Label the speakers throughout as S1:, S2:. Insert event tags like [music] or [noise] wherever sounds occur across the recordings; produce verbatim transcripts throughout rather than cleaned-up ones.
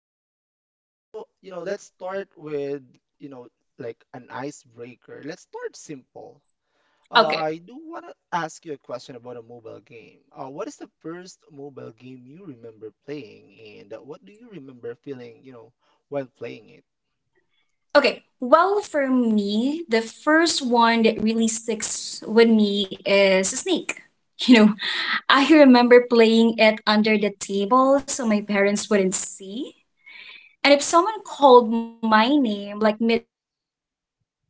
S1: it right. And so, you know, let's start with, you know, like an icebreaker. Let's start simple. Uh,
S2: [laughs]
S1: I
S2: okay,
S1: do want to ask you a question about a mobile game. Uh, what is the first mobile game you remember playing, and uh, what do you remember feeling, you know, while playing it?
S2: Okay. Well, for me, the first one that really sticks with me is a snake. [laughs] You know, I remember playing it under the table so my parents wouldn't see. And if someone called my name like mid game, well, forget it.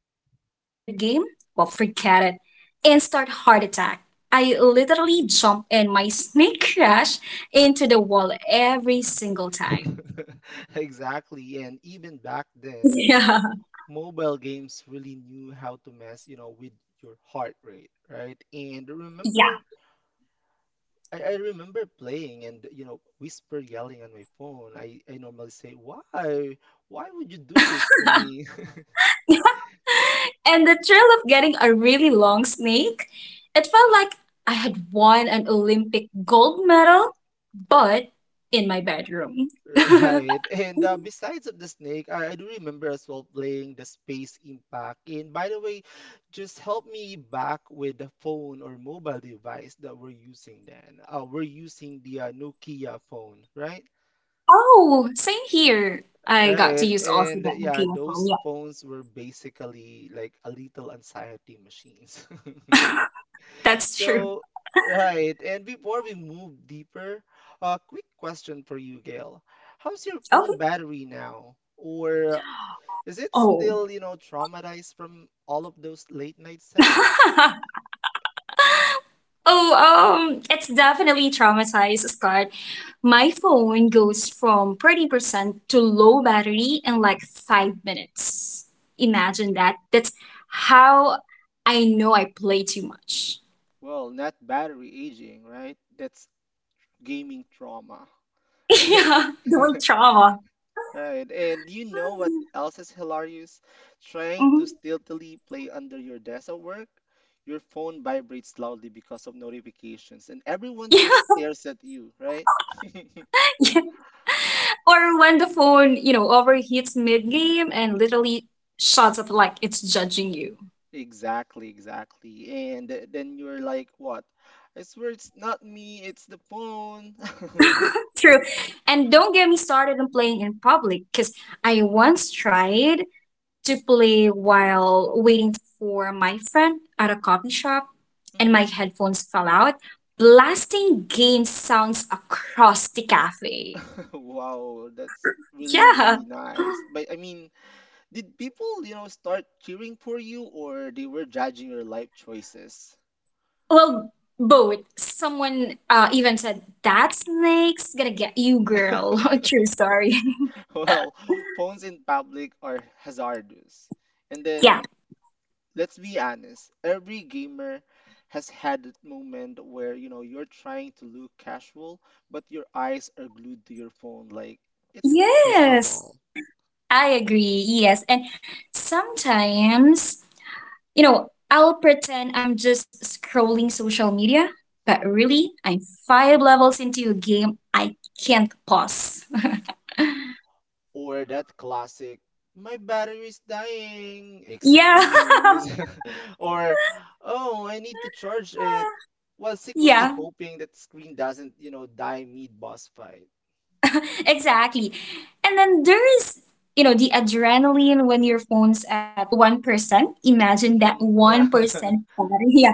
S2: Instant heart attack. I literally jump and my snake [laughs] crash into the wall every single time.
S1: [laughs] Exactly. And even
S2: Yeah.
S1: back then, mobile games really knew how to mess, you know, with your heart rate, right? And
S2: Yeah.
S1: remember I, I remember playing and you know whisper yelling on my phone. I, I normally say, "Why? Why would you do this to me?" [laughs]
S2: [laughs] And the thrill of getting a really long snake, it felt like I had won an Olympic gold medal, but in my bedroom.
S1: Right.
S2: [laughs]
S1: And uh, besides of the snake, I, I do remember as well playing the Space Impact. And by the way, just help me back with the phone or mobile device that we're using then. Uh, we're using the uh, Nokia phone, right?
S2: Oh, same here. I got to
S1: Right.
S2: use also
S1: And uh,
S2: that
S1: yeah,
S2: Nokia phone.
S1: those
S2: Yeah,
S1: phones were basically like a little anxiety machines. [laughs]
S2: that's true.
S1: So, right. And before we move deeper, a quick question for you, Gail. How's your
S2: Okay.
S1: phone battery now? Or is it
S2: Oh.
S1: still, you know, traumatized from all of those late night sessions?
S2: [laughs] Oh, um, it's definitely traumatized, Scott. My phone goes from thirty percent to low battery in like five minutes. Imagine that. That's how I know I play too much.
S1: Well, not battery aging, right? That's gaming trauma,
S2: [laughs]
S1: [laughs] right?
S2: Yeah,
S1: [laughs]
S2: the word trauma. [sighs]
S1: Right. And do you know what else is hilarious? Trying to
S2: Mhm.
S1: stealthily play under your desk at work, your phone vibrates loudly because of notifications, and everyone
S2: Yeah,
S1: just stares at you, right? [laughs]
S2: [laughs] yeah. Or when the phone, you know, overheats mid game and literally shuts up like it's judging you.
S1: Exactly, exactly. And th- then you're like, what? I swear it's not me, it's the phone.
S2: True. And don't get me started on playing in public because I once tried to play while waiting for my friend at a coffee shop,
S1: [laughs]
S2: and my
S1: Hmm.
S2: headphones fell out, blasting game sounds across the cafe.
S1: [laughs] Wow, that's really,
S2: Yeah.
S1: really nice. But I mean, did people, you know, start cheering for you or they were judging your life choices?
S2: Well, both. Someone uh, even said, "That snake's gonna get you, girl." [laughs] True
S1: [laughs]
S2: story. [laughs]
S1: [laughs] Well, phones in public are hazardous. And
S2: Yeah.
S1: then let's be honest, every gamer has had that moment where, you know, you're trying to look casual, but your eyes are glued to your phone like it's a crystal
S2: Yes.
S1: ball.
S2: I agree. Yes. And sometimes, You know, I'll pretend I'm just scrolling social media, but really, I'm five levels into a game I can't pause.
S1: Or that classic, my battery's dying,
S2: Yeah.
S1: excuse. [laughs] Or, oh, I need to charge it, while secretly
S2: [laughs] Yeah.
S1: hoping that screen doesn't, you know, die mid boss fight.
S2: [laughs] Exactly. And then there is, you know, the adrenaline when your phone's at one percent. Imagine that,
S1: Mm, yeah.
S2: one percent
S1: [laughs]
S2: battery. [laughs] Yeah.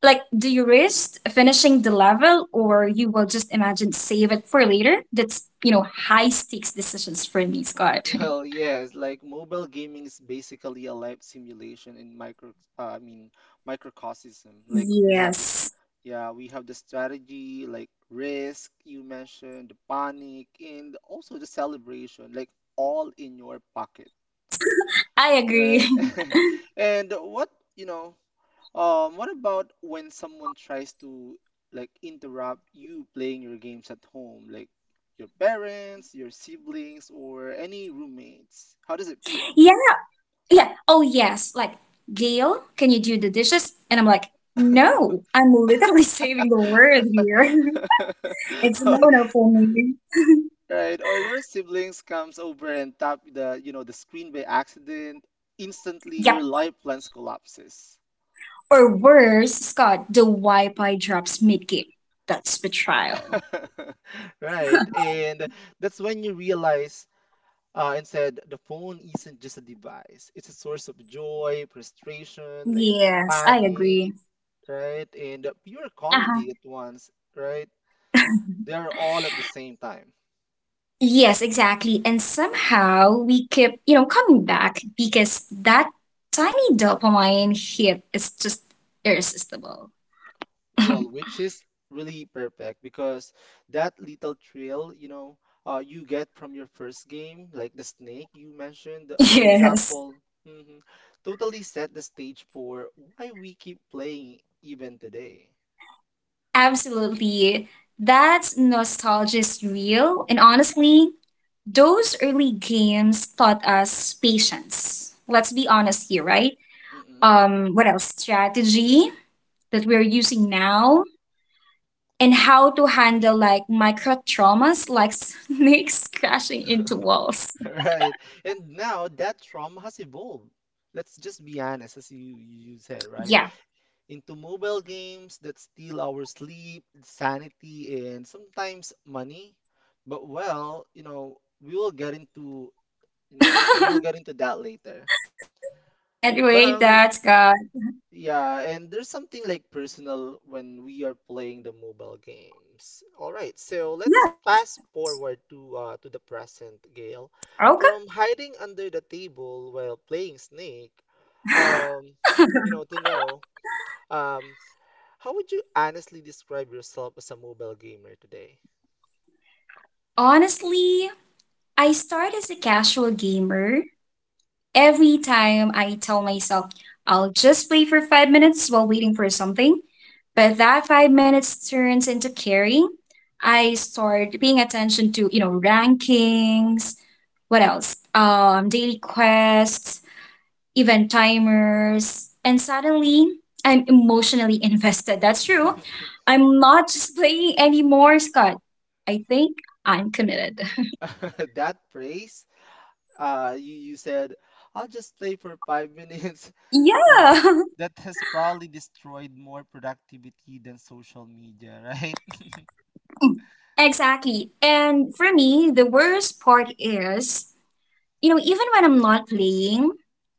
S2: Like, do you risk finishing the level or you will just imagine save it for later? That's, you know, high stakes decisions for me, Scott.
S1: Well, yes, like mobile gaming is basically a life simulation in micro, uh, I mean, microcosm.
S2: [laughs]
S1: Like we have this,
S2: Yes.
S1: yeah, we have the strategy, like risk you mentioned, the panic, and also the celebration, like all in your pocket,
S2: I agree.
S1: right?
S2: [laughs]
S1: [laughs] And what, you know, um, what about when someone tries to like interrupt you playing your games at home, like your parents, your siblings, or any roommates? How does it feel?
S2: Yeah. Yeah. Oh, yes. Like, Gail, can you do the dishes? And I'm like,
S1: [laughs]
S2: no, I'm literally [laughs] saving the word here. [laughs] It's no no for me.
S1: Right, or your siblings comes over and tap the, you know, the screen by accident, instantly your
S2: Yep.
S1: life plans collapses.
S2: Or worse, Scott, the Wi Fi drops mid game. That's betrayal.
S1: [laughs] Right, and that's when you realize, Uh, instead, the phone isn't just a device, it's a source of joy, frustration, like
S2: Yes, I
S1: panic,
S2: agree.
S1: right? And pure
S2: Uh huh.
S1: comedy at once, right? They are all at the same time.
S2: Yes, exactly. And somehow we keep, you know, coming back because that tiny dopamine hit is just irresistible.
S1: Well, which is really perfect because that little thrill, you know, uh, you get from your first game, like the snake you mentioned,
S2: [laughs]
S1: for
S2: Yes.
S1: example, mhm, totally set the stage for why we keep playing even today.
S2: Absolutely. That nostalgia is real. And honestly, those early games taught us patience. Let's be honest here, right? Um, what else? Strategy that we're using now and how to handle like micro traumas like [laughs] snakes crashing into walls.
S1: [laughs] Right. And now that trauma has evolved. Let's just be honest, as you, you said, right?
S2: Yeah. [laughs]
S1: Into mobile games that steal our sleep, sanity, and sometimes money. But well, you know, we will get into, you know, we will get into that later.
S2: Can't
S1: But
S2: wait,
S1: um,
S2: that's God.
S1: yeah, and there's something like personal when we are playing the mobile games. All right, so let's
S2: Yeah, of
S1: fast
S2: course.
S1: forward to uh, to the present, Gail.
S2: Okay.
S1: From hiding under the table while playing Snake, um, you know, to know, um, how would you honestly describe yourself as a mobile gamer today?
S2: [laughs] Honestly, I started as a casual gamer. Every time I tell myself I'll just play for five minutes while waiting for something, but that five minutes turns into caring. I start paying attention to, you know, rankings, what else? Um, daily quests, event timers, and suddenly I'm emotionally [laughs] invested. That's true.
S1: [laughs]
S2: I'm not just playing anymore, Scott. I think I'm committed. [laughs]
S1: That phrase, uh, you you said, "I'll just play for five [laughs] minutes." you know,
S2: Yeah. [laughs]
S1: that has probably destroyed more productivity than social media, right?
S2: Mm, exactly. And for me, the worst part is, you know, even when I'm not playing,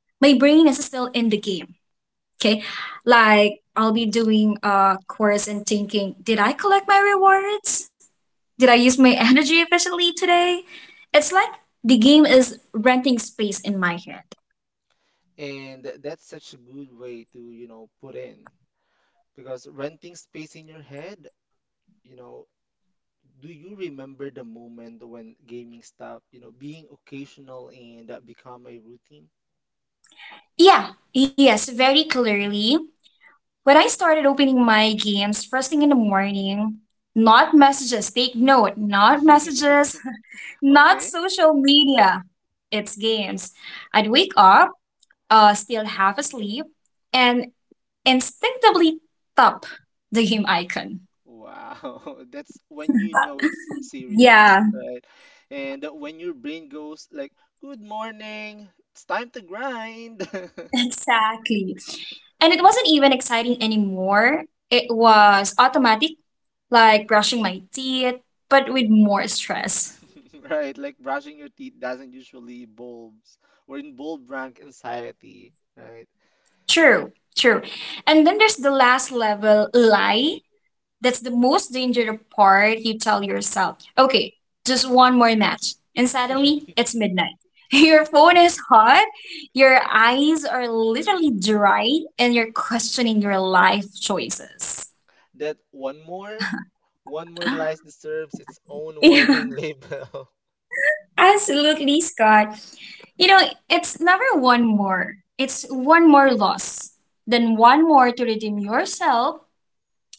S2: my brain is still in the game.
S1: [laughs]
S2: Okay.
S1: Mm-mm.
S2: Like I'll be doing a course and thinking, did I collect my rewards? Did I use
S1: Mhm.
S2: my [laughs] energy efficiently today? It's like the game is renting space in my head.
S1: And th- that's such a good way to, you know, put in, because renting space in your head, you know, do you remember the moment when gaming stopped, you know, being occasional and uh, become a routine?
S2: Yeah, yes, very clearly. When I started opening my games first thing in the morning, not messages, take note, not messages,
S1: [laughs]
S2: not
S1: Okay,
S2: social media. It's games. I'd wake up, uh, still half asleep, and instinctively tap the game icon.
S1: wow, [laughs] that's when you know it's serious,
S2: Yeah,
S1: right? And that when your brain goes like, "Good morning, it's time to grind."
S2: [laughs]
S1: [laughs]
S2: exactly. And it wasn't even exciting anymore. It was automatic, like brushing my teeth, but with more stress.
S1: Right? Like brushing your teeth doesn't usually bulbs or involve rank anxiety, right?
S2: True, true. And then there's the last level lie. That's the most dangerous part. You tell yourself, okay, just one more match. And suddenly
S1: [laughs]
S2: it's midnight. [laughs] Your phone is hot, your eyes are literally dry, and you're questioning your life choices.
S1: That "one more, one more" lies deserves its own
S2: Yeah,
S1: warning [laughs] label.
S2: [laughs] absolutely, Scott. You know, it's never one more. It's one more loss, then one more to redeem yourself,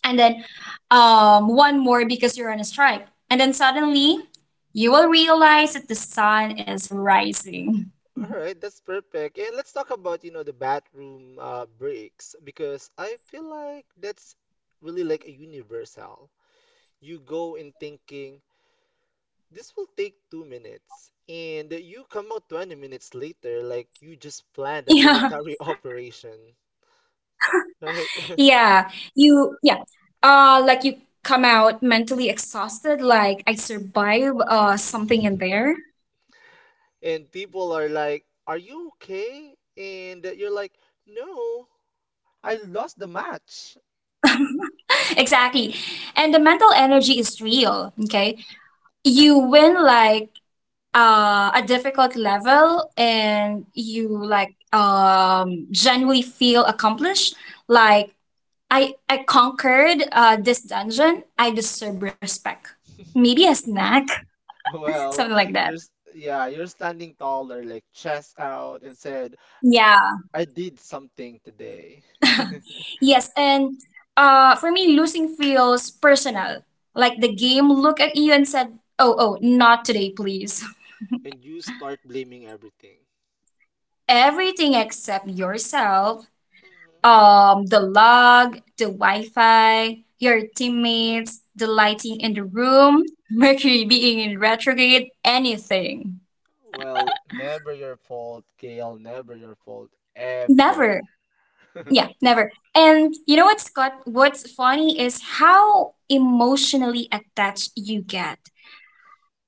S2: and then um, one more because you're on a strike. And then suddenly you will realize that the sun is rising.
S1: All right, that's perfect. And let's talk about, you know, the bathroom uh, breaks, because I feel like that's really like a universal. You go in thinking this will take two minutes and you come out twenty minutes later, like you just planned
S2: [laughs]
S1: a
S2: Yeah,
S1: military [laughs] operation, right. [laughs]
S2: yeah, you, yeah. Uh, like you come out mentally exhausted, like I survived uh, something in there.
S1: And people are like, "Are you okay?" And you're like, "No, I lost the match."
S2: [laughs] Exactly. And the mental energy is real, okay? You win like uh, a difficult level and you like um genuinely feel accomplished like I I conquered uh, this dungeon. I deserve respect. Maybe a
S1: [laughs]
S2: snack, [laughs] something
S1: Well,
S2: like that.
S1: you're s- yeah you're standing taller, like chest out, and said,
S2: Yeah.
S1: "I did something today." [laughs]
S2: Yes, and uh, for me, losing feels personal. Like the game looked at you and said, "Oh, oh, not today, please."
S1: And you start blaming everything.
S2: [laughs] Everything except yourself, um, the log, the Wi-Fi, your teammates, the lighting in the room, [laughs] Mercury being in retrograde, anything.
S1: Well, never your fault, Gail, never your fault, ever.
S2: Never.
S1: [laughs]
S2: Yeah, never. And you know what, Scott? What's funny is how emotionally attached you get.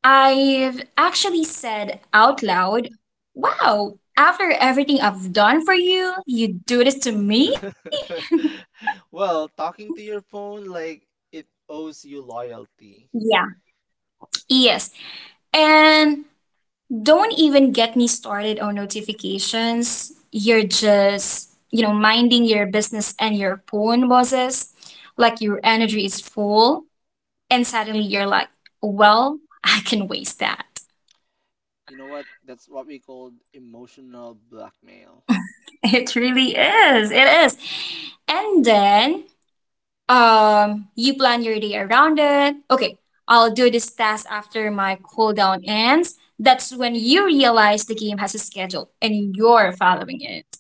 S2: I've actually said out loud, "Wow, after everything I've done for you, you do this to me?"
S1: [laughs] Well, talking to your phone, like it owes you loyalty.
S2: Yeah. Yes. And don't even get me started on notifications. You're just, you know, minding your business and your phone buzzes like your energy is full. And suddenly you're like, well, [laughs] I can waste that.
S1: You know what? That's what we call emotional blackmail.
S2: It really is. It is. And then um you plan your day around it. Okay, I'll do this task after my cooldown ends. That's when you realize the game has a schedule and you're following it.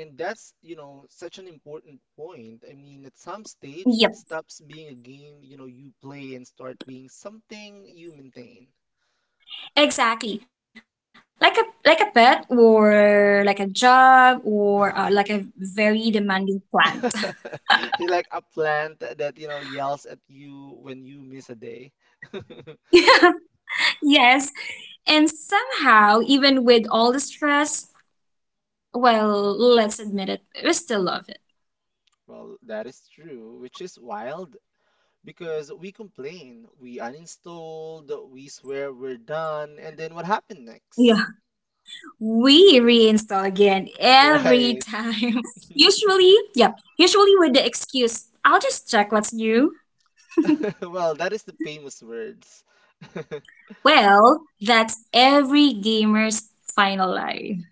S1: And that's, you know, such an important point. I mean, at some stage, it
S2: Yep,
S1: stops being a game, you know, you play, and start being something you maintain.
S2: exactly. Like a like a pet or like a job or uh, like a very demanding plant.
S1: [laughs] Like a plant that, you know, yells at you when you miss a day. [laughs]
S2: [laughs] Yes. And somehow, even with all the stress, well, let's admit it, we still love it.
S1: Well, that is true, which is wild, because we complain, we uninstalled, we swear we're done, and then what happened next?
S2: Yeah, we reinstall again every
S1: Right.
S2: time. [laughs] Usually,
S1: [laughs]
S2: yeah, usually with the excuse, I'll just check what's new.
S1: Well, that is the famous words. [laughs]
S2: Well, that's every gamer's final line.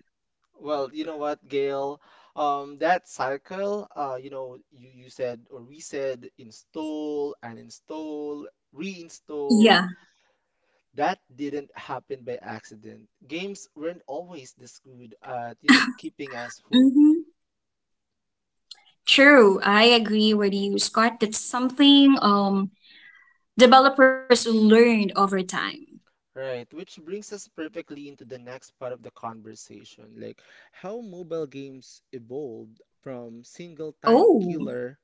S1: Well, you know what, Gail? Um, that cycle, uh, you know, you, you said, or we said, install and install, reinstall.
S2: Yeah.
S1: That didn't happen by accident. Games weren't always this good at, you know, keeping us hooked.
S2: Mm-hmm. True, I agree with you, Scott. That's something um developers learned over time.
S1: Right, which brings us perfectly into the next part of the conversation, like how mobile games evolved from single time
S2: Oh,
S1: killer,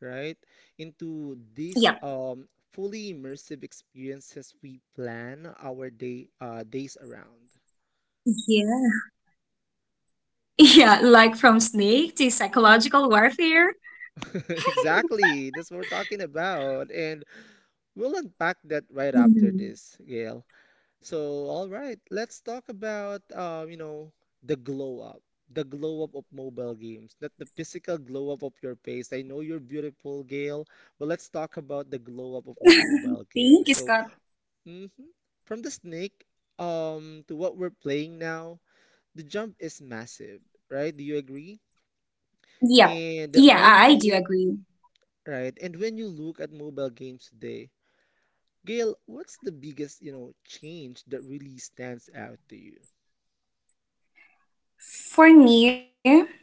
S1: right, into these
S2: yeah.
S1: um fully immersive experiences we plan our day uh days
S2: Yeah. [laughs]
S1: around.
S2: Yeah, like from Snake to psychological warfare.
S1: [laughs] Exactly, that's what we're talking about, and we'll
S2: Mm-hmm.
S1: unpack that right after this, Gail. So, all right, let's talk about uh, you know, the glow up, the glow up of mobile games, not the physical glow up of your face. I know you're beautiful, Gail, but let's talk about the glow up of the
S2: [laughs]
S1: mobile
S2: Thank you,
S1: game.
S2: Scott.
S1: So, hmm from the Snake um to what we're playing now, the jump is massive, right? Do you agree?
S2: Yep.
S1: And
S2: Yeah,
S1: when
S2: I
S1: you
S2: I do
S1: look,
S2: agree.
S1: right, and when you look at mobile games today, Gail, what's the biggest, you know, change that really stands out to you?
S2: For me,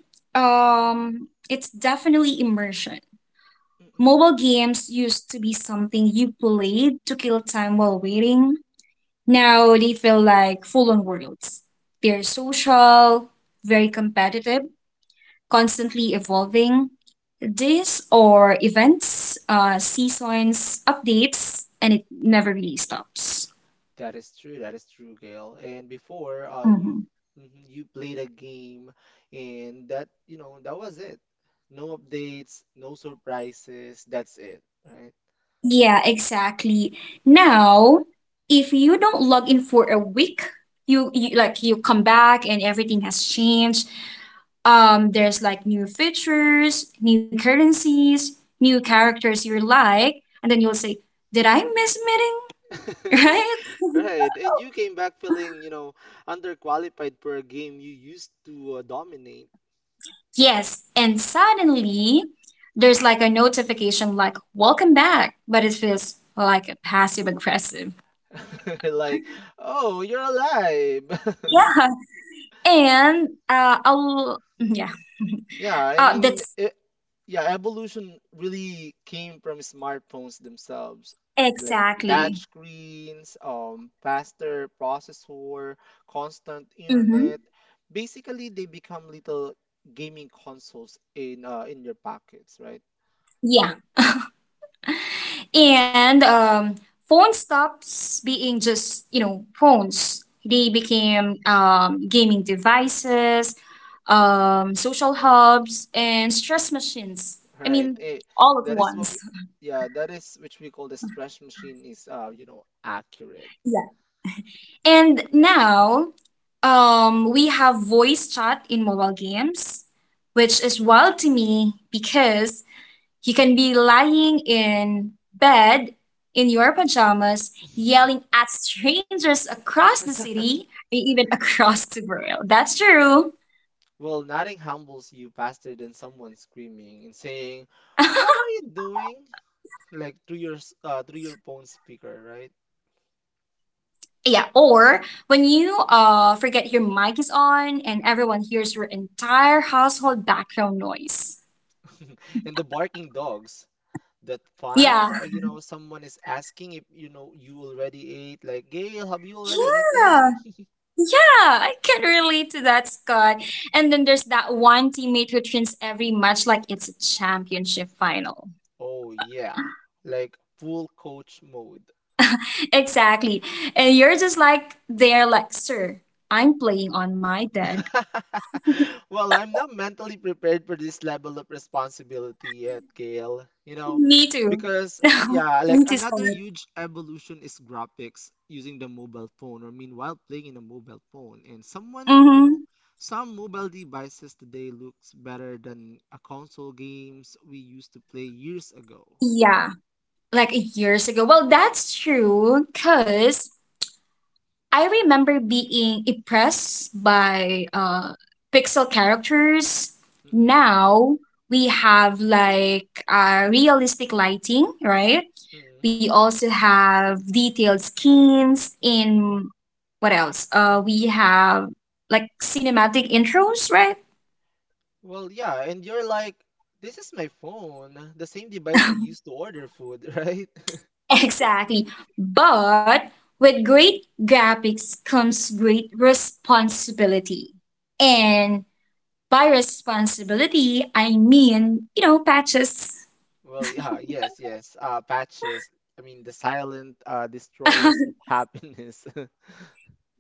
S2: um, it's definitely immersion.
S1: Mm-hmm.
S2: Mobile games used to be something you played to kill time while waiting. Now they feel like full on worlds. They're social, very competitive, constantly evolving. Days or events, uh, seasons, updates, and it never really stops.
S1: That is true. That is true, Gail. And before, uh, you
S2: Mm-hmm.
S1: mhm, you played a game, and that, you know that was it. No updates, no surprises. That's it, right?
S2: Yeah, exactly. Now, if you don't log in for a week, you, you like you come back and everything has changed. Um, there's like new features, new currencies, new characters you like, and then you'll say, "Did I miss meeting?" [laughs]
S1: [laughs]
S2: Right?
S1: Right. And you came back feeling, you know, underqualified for a game you used to uh, dominate.
S2: Yes, and suddenly there's like a notification like "Welcome back," but it feels like a passive aggressive.
S1: [laughs] Like, oh, you're alive. [laughs]
S2: [laughs] Yeah, and uh, I'll [laughs] yeah.
S1: Yeah, I
S2: Uh,
S1: mean,
S2: that's
S1: e- yeah, evolution really came from smartphones themselves, like touch
S2: Exactly.
S1: screens, um, faster processor, constant internet.
S2: Mm-hmm.
S1: Basically, they become little gaming consoles in uh, in your pockets, right? [laughs]
S2: Yeah. And um, phone stops being just, you know, phones. They became um, gaming devices, um, social hubs, and stress machines. I
S1: Right.
S2: mean,
S1: Eh,
S2: all at
S1: that is
S2: once.
S1: what we, yeah, that is which we call the stretch machine is, uh, you know, accurate.
S2: Yeah. And now um, we have voice chat in mobile games, which is wild to me because you can be lying in bed in your pajamas, yelling
S1: [laughs]
S2: at strangers across the city, and even across the world. That's true.
S1: Well, nothing humbles you faster than someone screaming and saying,
S2: [laughs]
S1: "What are you doing?" like through your s- uh, through your phone speaker, right?
S2: Yeah, or when you uh forget your mic is on and everyone hears your entire household background noise.
S1: [laughs] And the barking dogs, that fun,
S2: Yeah.
S1: uh, you know, someone is asking if you know you already ate. Like, Gail, have you already
S2: Yeah.
S1: eaten? [laughs]
S2: Yeah, I can relate to that, Scott. And then there's that one teammate who treats every match like it's a championship final.
S1: Oh yeah, like full coach mode.
S2: Exactly. And you're just like there, like, sir, I'm playing on my dad.
S1: [laughs] Well, I'm not mentally prepared for this level of responsibility yet, Gail. You know,
S2: Me too.
S1: because,
S2: [laughs]
S1: yeah, like
S2: Me too,
S1: another
S2: Scarlett.
S1: huge evolution is graphics using the mobile phone, or meanwhile playing in a mobile phone. And someone, you know,
S2: Mm-hmm.
S1: some mobile devices today looks better than a console games we used to play years ago.
S2: Yeah, like years ago. Well, that's true because I remember being impressed by uh, pixel characters.
S1: Mm-mm,
S2: Now we have like uh, realistic lighting, right?
S1: mm-mm.
S2: We also have detailed skins in what else? Uh, we have like cinematic intros, right?
S1: Well, yeah, and you're like, this is my phone, the same device I used to order food, [laughs] right?
S2: [laughs] Exactly. But with great graphics comes great responsibility. And by responsibility, I mean, you know, patches.
S1: Well, yeah, yes, yes. Uh, patches. I mean, the silent uh, destroyers
S2: [laughs]
S1: of happiness. [laughs]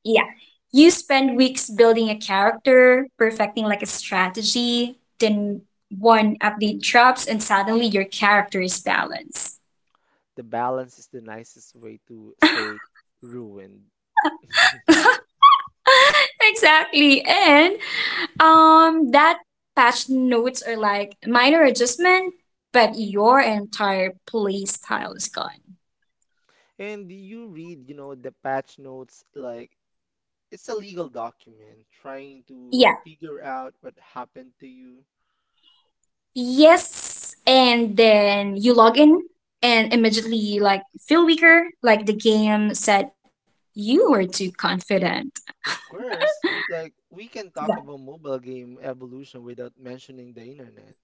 S2: Yeah. You spend weeks building a character, perfecting like a strategy, then one update drops and suddenly your character is balanced.
S1: The balance is the nicest way to say ruined. [laughs]
S2: [laughs] Exactly. And um that patch notes are like minor adjustment, but your entire play style is gone.
S1: And you read, you know, the patch notes like it's a legal document, trying to uh,
S2: Yeah.
S1: figure out what happened to you.
S2: Yes. And then you log in and immediately like feel weaker, like the game said you were too confident.
S1: Of course, like we can talk about mobile game evolution without mentioning the internet.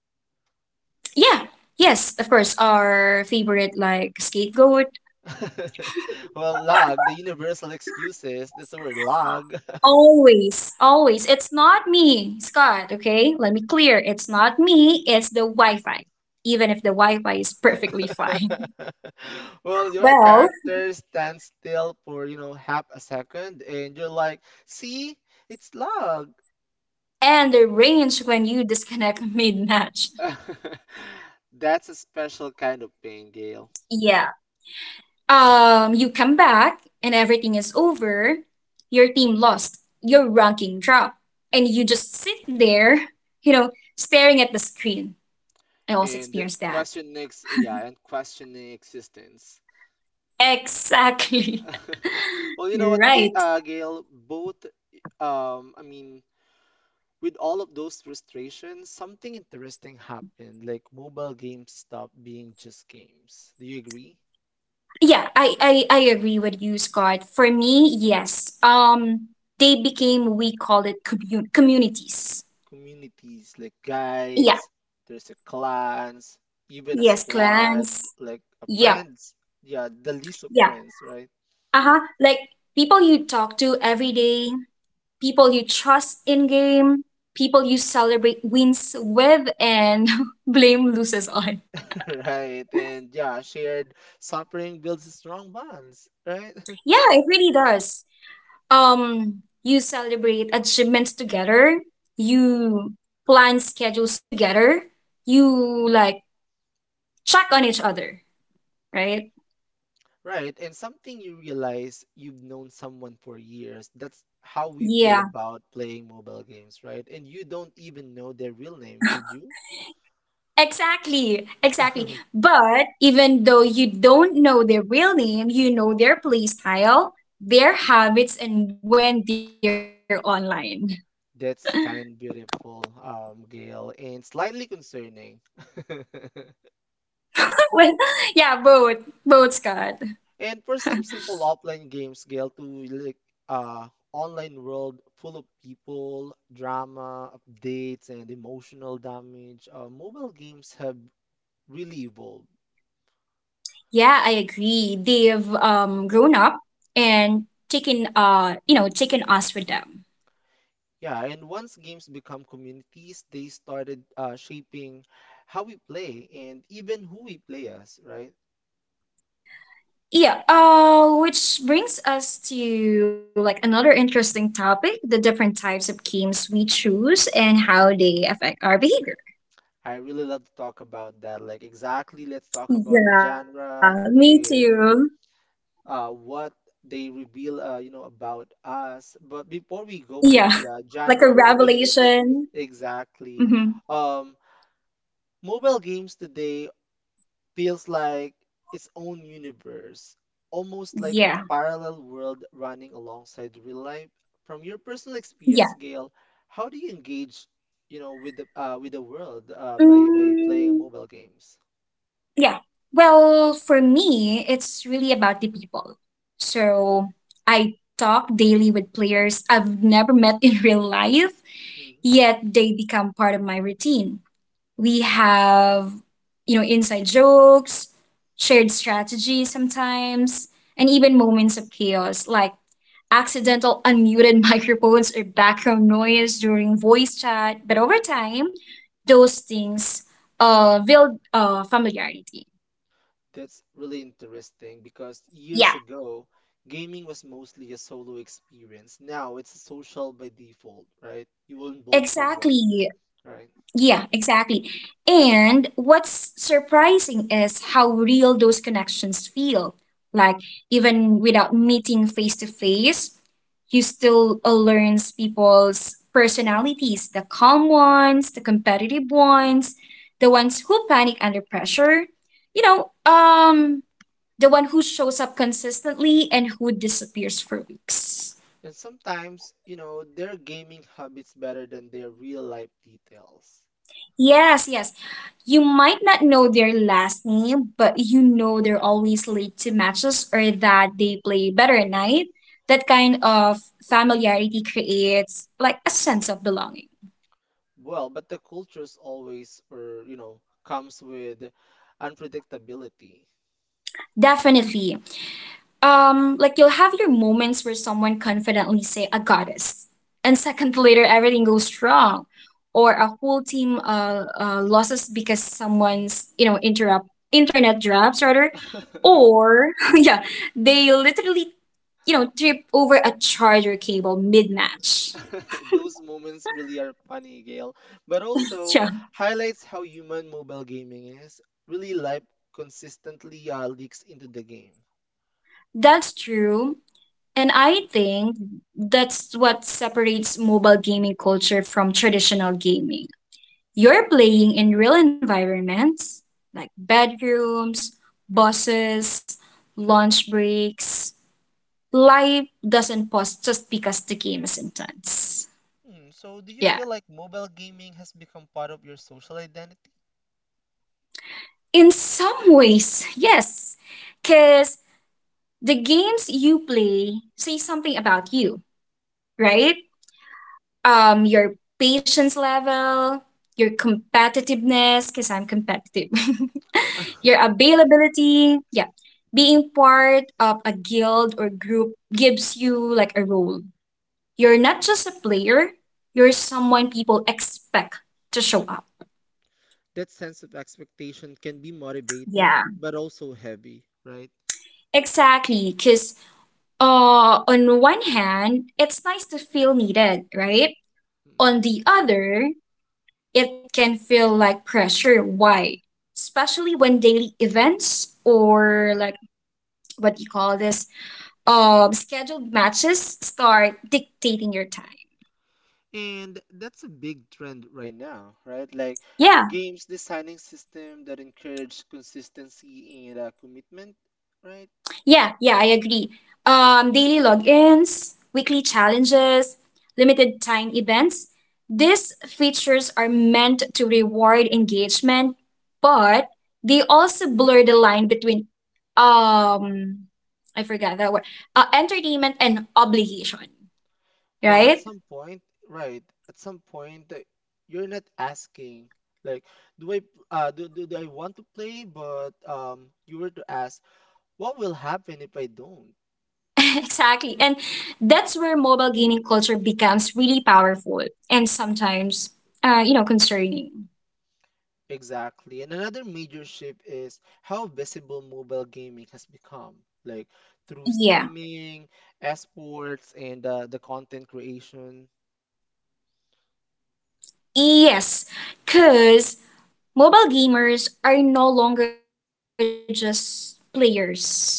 S2: Yeah. Yes, of course. Our favorite like scapegoat.
S1: [laughs] Well, log, the universal excuses, that's the word, log. [laughs]
S2: Always, always. It's not me, Scott. Okay, let me clear. It's not me. It's the Wi-Fi. Even if the Wi-Fi is perfectly fine. [laughs]
S1: [laughs] Well, your
S2: Well,
S1: character stands still for, you know, half a second, and you're like, see, it's log.
S2: and the range when you disconnect [laughs] mid-match.
S1: [laughs] That's a special kind of pain, Gail.
S2: Yeah. Um, you come back and everything is over. Your team lost. Your ranking dropped, and you just sit there, you know, staring at the screen. I also
S1: And the
S2: experienced that.
S1: questioning, ex- yeah, and questioning existence.
S2: Exactly.
S1: [laughs]
S2: [laughs]
S1: Well, you know what, Ga
S2: Right.
S1: uh, Gail, both, um, I mean, with all of those frustrations, something interesting happened. Like mobile games stopped being just games. Do you agree?
S2: Yeah, I, I I agree with you, Scott. For me, yes. Um, they became we call it commun- communities.
S1: Communities like
S2: Yeah.
S1: guides, there's a clans, even a
S2: Yes,
S1: squad,
S2: clans.
S1: like a
S2: Yeah.
S1: friends. Yeah, the list of
S2: Yeah.
S1: friends, right?
S2: Uh huh. Like people you talk to every day, people you trust in game, people you celebrate wins with, and [laughs] blame loses on.
S1: [laughs] Right. And yeah, shared suffering builds strong bonds, right? [laughs]
S2: Yeah, it really does. Um you celebrate achievements together you plan schedules together, you like check on each other, right?
S1: Right. And something you realize you've known someone for years. That's how we feel
S2: Yeah,
S1: about playing mobile games, right? And you don't even know their real name, did you?
S2: exactly, exactly. But even though you don't know their real name, you know their play style, their habits,
S1: [laughs]
S2: and when they're online.
S1: That's kind, beautiful, um, Gail, and slightly concerning. [laughs]
S2: [laughs] Well, yeah, both, both scott
S1: And for some simple offline games, Gail, to like uh online world full of people, drama, updates, and emotional damage, uh, mobile games have really evolved.
S2: Yeah, I agree, they've um grown up and taken, uh you know taken us with them.
S1: Yeah, and once games become communities, they started uh, shaping how we play and even who we play as, right?
S2: Yeah, uh, which brings us to like another interesting topic, the different types of games we choose and how they affect our behavior.
S1: I really love to talk about that. Like, exactly, let's talk about the genre
S2: Yeah, me
S1: and
S2: too.
S1: uh, what they reveal, uh, you know, about us. But before we go by
S2: Yeah.
S1: the uh,
S2: Like
S1: genre
S2: a
S1: of the games,
S2: revelation.
S1: exactly,
S2: Mm-hmm.
S1: um, mobile games today feels like its own universe, almost like a
S2: Yeah.
S1: parallel world running alongside real life. From your personal experience,
S2: Yeah.
S1: Gail, how do you engage, you know, with the uh, with the world, uh, by by playing
S2: Mm,
S1: mobile games?
S2: yeah. Well, for me, it's really about the people. So I talk daily with players I've never met in real life,
S1: Mhm.
S2: yet they become part of my routine. We have, you know, inside jokes, shared strategies sometimes, and even moments of chaos like accidental unmuted [laughs] microphones or background noise during voice chat. But over time, those things uh, build uh, familiarity.
S1: That's really interesting because years
S2: Yeah,
S1: ago, gaming was mostly a solo experience. Now it's social by default, right? You will involve someone,
S2: exactly.
S1: right?
S2: Yeah, exactly. And what's surprising is how real those connections feel. Like, even without meeting face to face, you still uh, learns people's personalities, the calm ones, the competitive ones, the ones who panic under pressure, you know, um, the one who shows up consistently and who disappears for weeks.
S1: And sometimes, you know, their gaming habits better than their real life details.
S2: Yes, yes. You might not know their last name, but you know they're always late to matches or that they play better at night. That kind of familiarity creates like a sense of belonging.
S1: Well, but the culture's always, or you know, comes with unpredictability.
S2: Definitely. Um like, you'll have your moments where someone confidently say a goddess and seconds later everything goes wrong, or a whole team uh, uh losses because someone's, you know, interrupt internet drops rather,
S1: [laughs]
S2: or [laughs] yeah, they literally, you know, trip over a charger cable mid-match.
S1: [laughs] Those moments really are funny, Gail, but
S2: [laughs]
S1: also
S2: Yeah,
S1: highlights how human mobile gaming is. Really, life consistently uh, leaks into the game.
S2: that's true. And I think that's what separates mobile gaming culture from traditional gaming. You're playing in real environments like bedrooms, buses, lunch breaks. Life doesn't pause just because the game is intense.
S1: Hmm, so, do you
S2: Yeah.
S1: feel like mobile gaming has become part of your social identity?
S2: In some ways, [laughs] yes. Because the games you play say something about you,
S1: Mm-mm.
S2: right? Um, your patience level, your competitiveness, because I'm competitive. [laughs] Your
S1: [laughs]
S2: availability, yeah, being part of a guild or group gives you like a role. You're not just a player, you're someone people expect to show up.
S1: That sense of expectation can be
S2: Yeah,
S1: motivating, but also heavy, right?
S2: exactly. Because uh, on one hand, it's nice to feel needed, right?
S1: Mm-mm.
S2: On the other, it can feel like pressure. Why? Especially when daily events or like, what do you call this, um, scheduled matches start dictating your time.
S1: And that's a big trend right now, right? Like
S2: Yeah.
S1: games designing system that encourage consistency and uh, commitment, right?
S2: Yeah, yeah, I agree. Um, daily logins, weekly challenges, limited time events. These features are meant to reward engagement, but they also blur the line between um I forgot that word. Uh, entertainment and obligation,
S1: Well, at
S2: right?
S1: some point, right? At some point, uh, you're not asking like, do I uh do, do, do I want to play? But um, you were to ask, what will happen if I don't?
S2: [laughs] Exactly. And that's where mobile gaming culture becomes really powerful and sometimes, uh, you know, concerning.
S1: Exactly. And another major shift is how visible mobile gaming has become, like through
S2: Yeah.
S1: streaming, esports, and uh, the content creation.
S2: Yes. Because mobile gamers are no longer just players, right?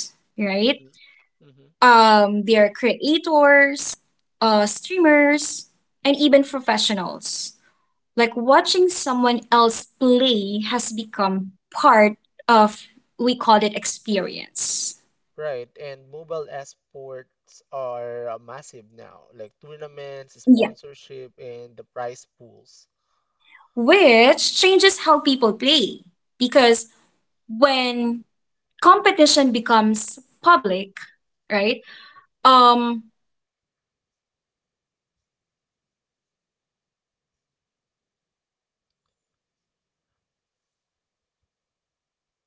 S1: Hmm.
S2: Um,
S1: Hmm.
S2: they are creators, uh, streamers, and even professionals. Like watching someone else play has become part of, we call it, experience.
S1: Right, and mobile esports are uh, massive now, like tournaments, sponsorship, and the prize pools.
S2: Which changes how people play. Because when competition becomes public, right, um, players take it more seriously, right? Skill, uh, rankings, and reputation suddenly matter more.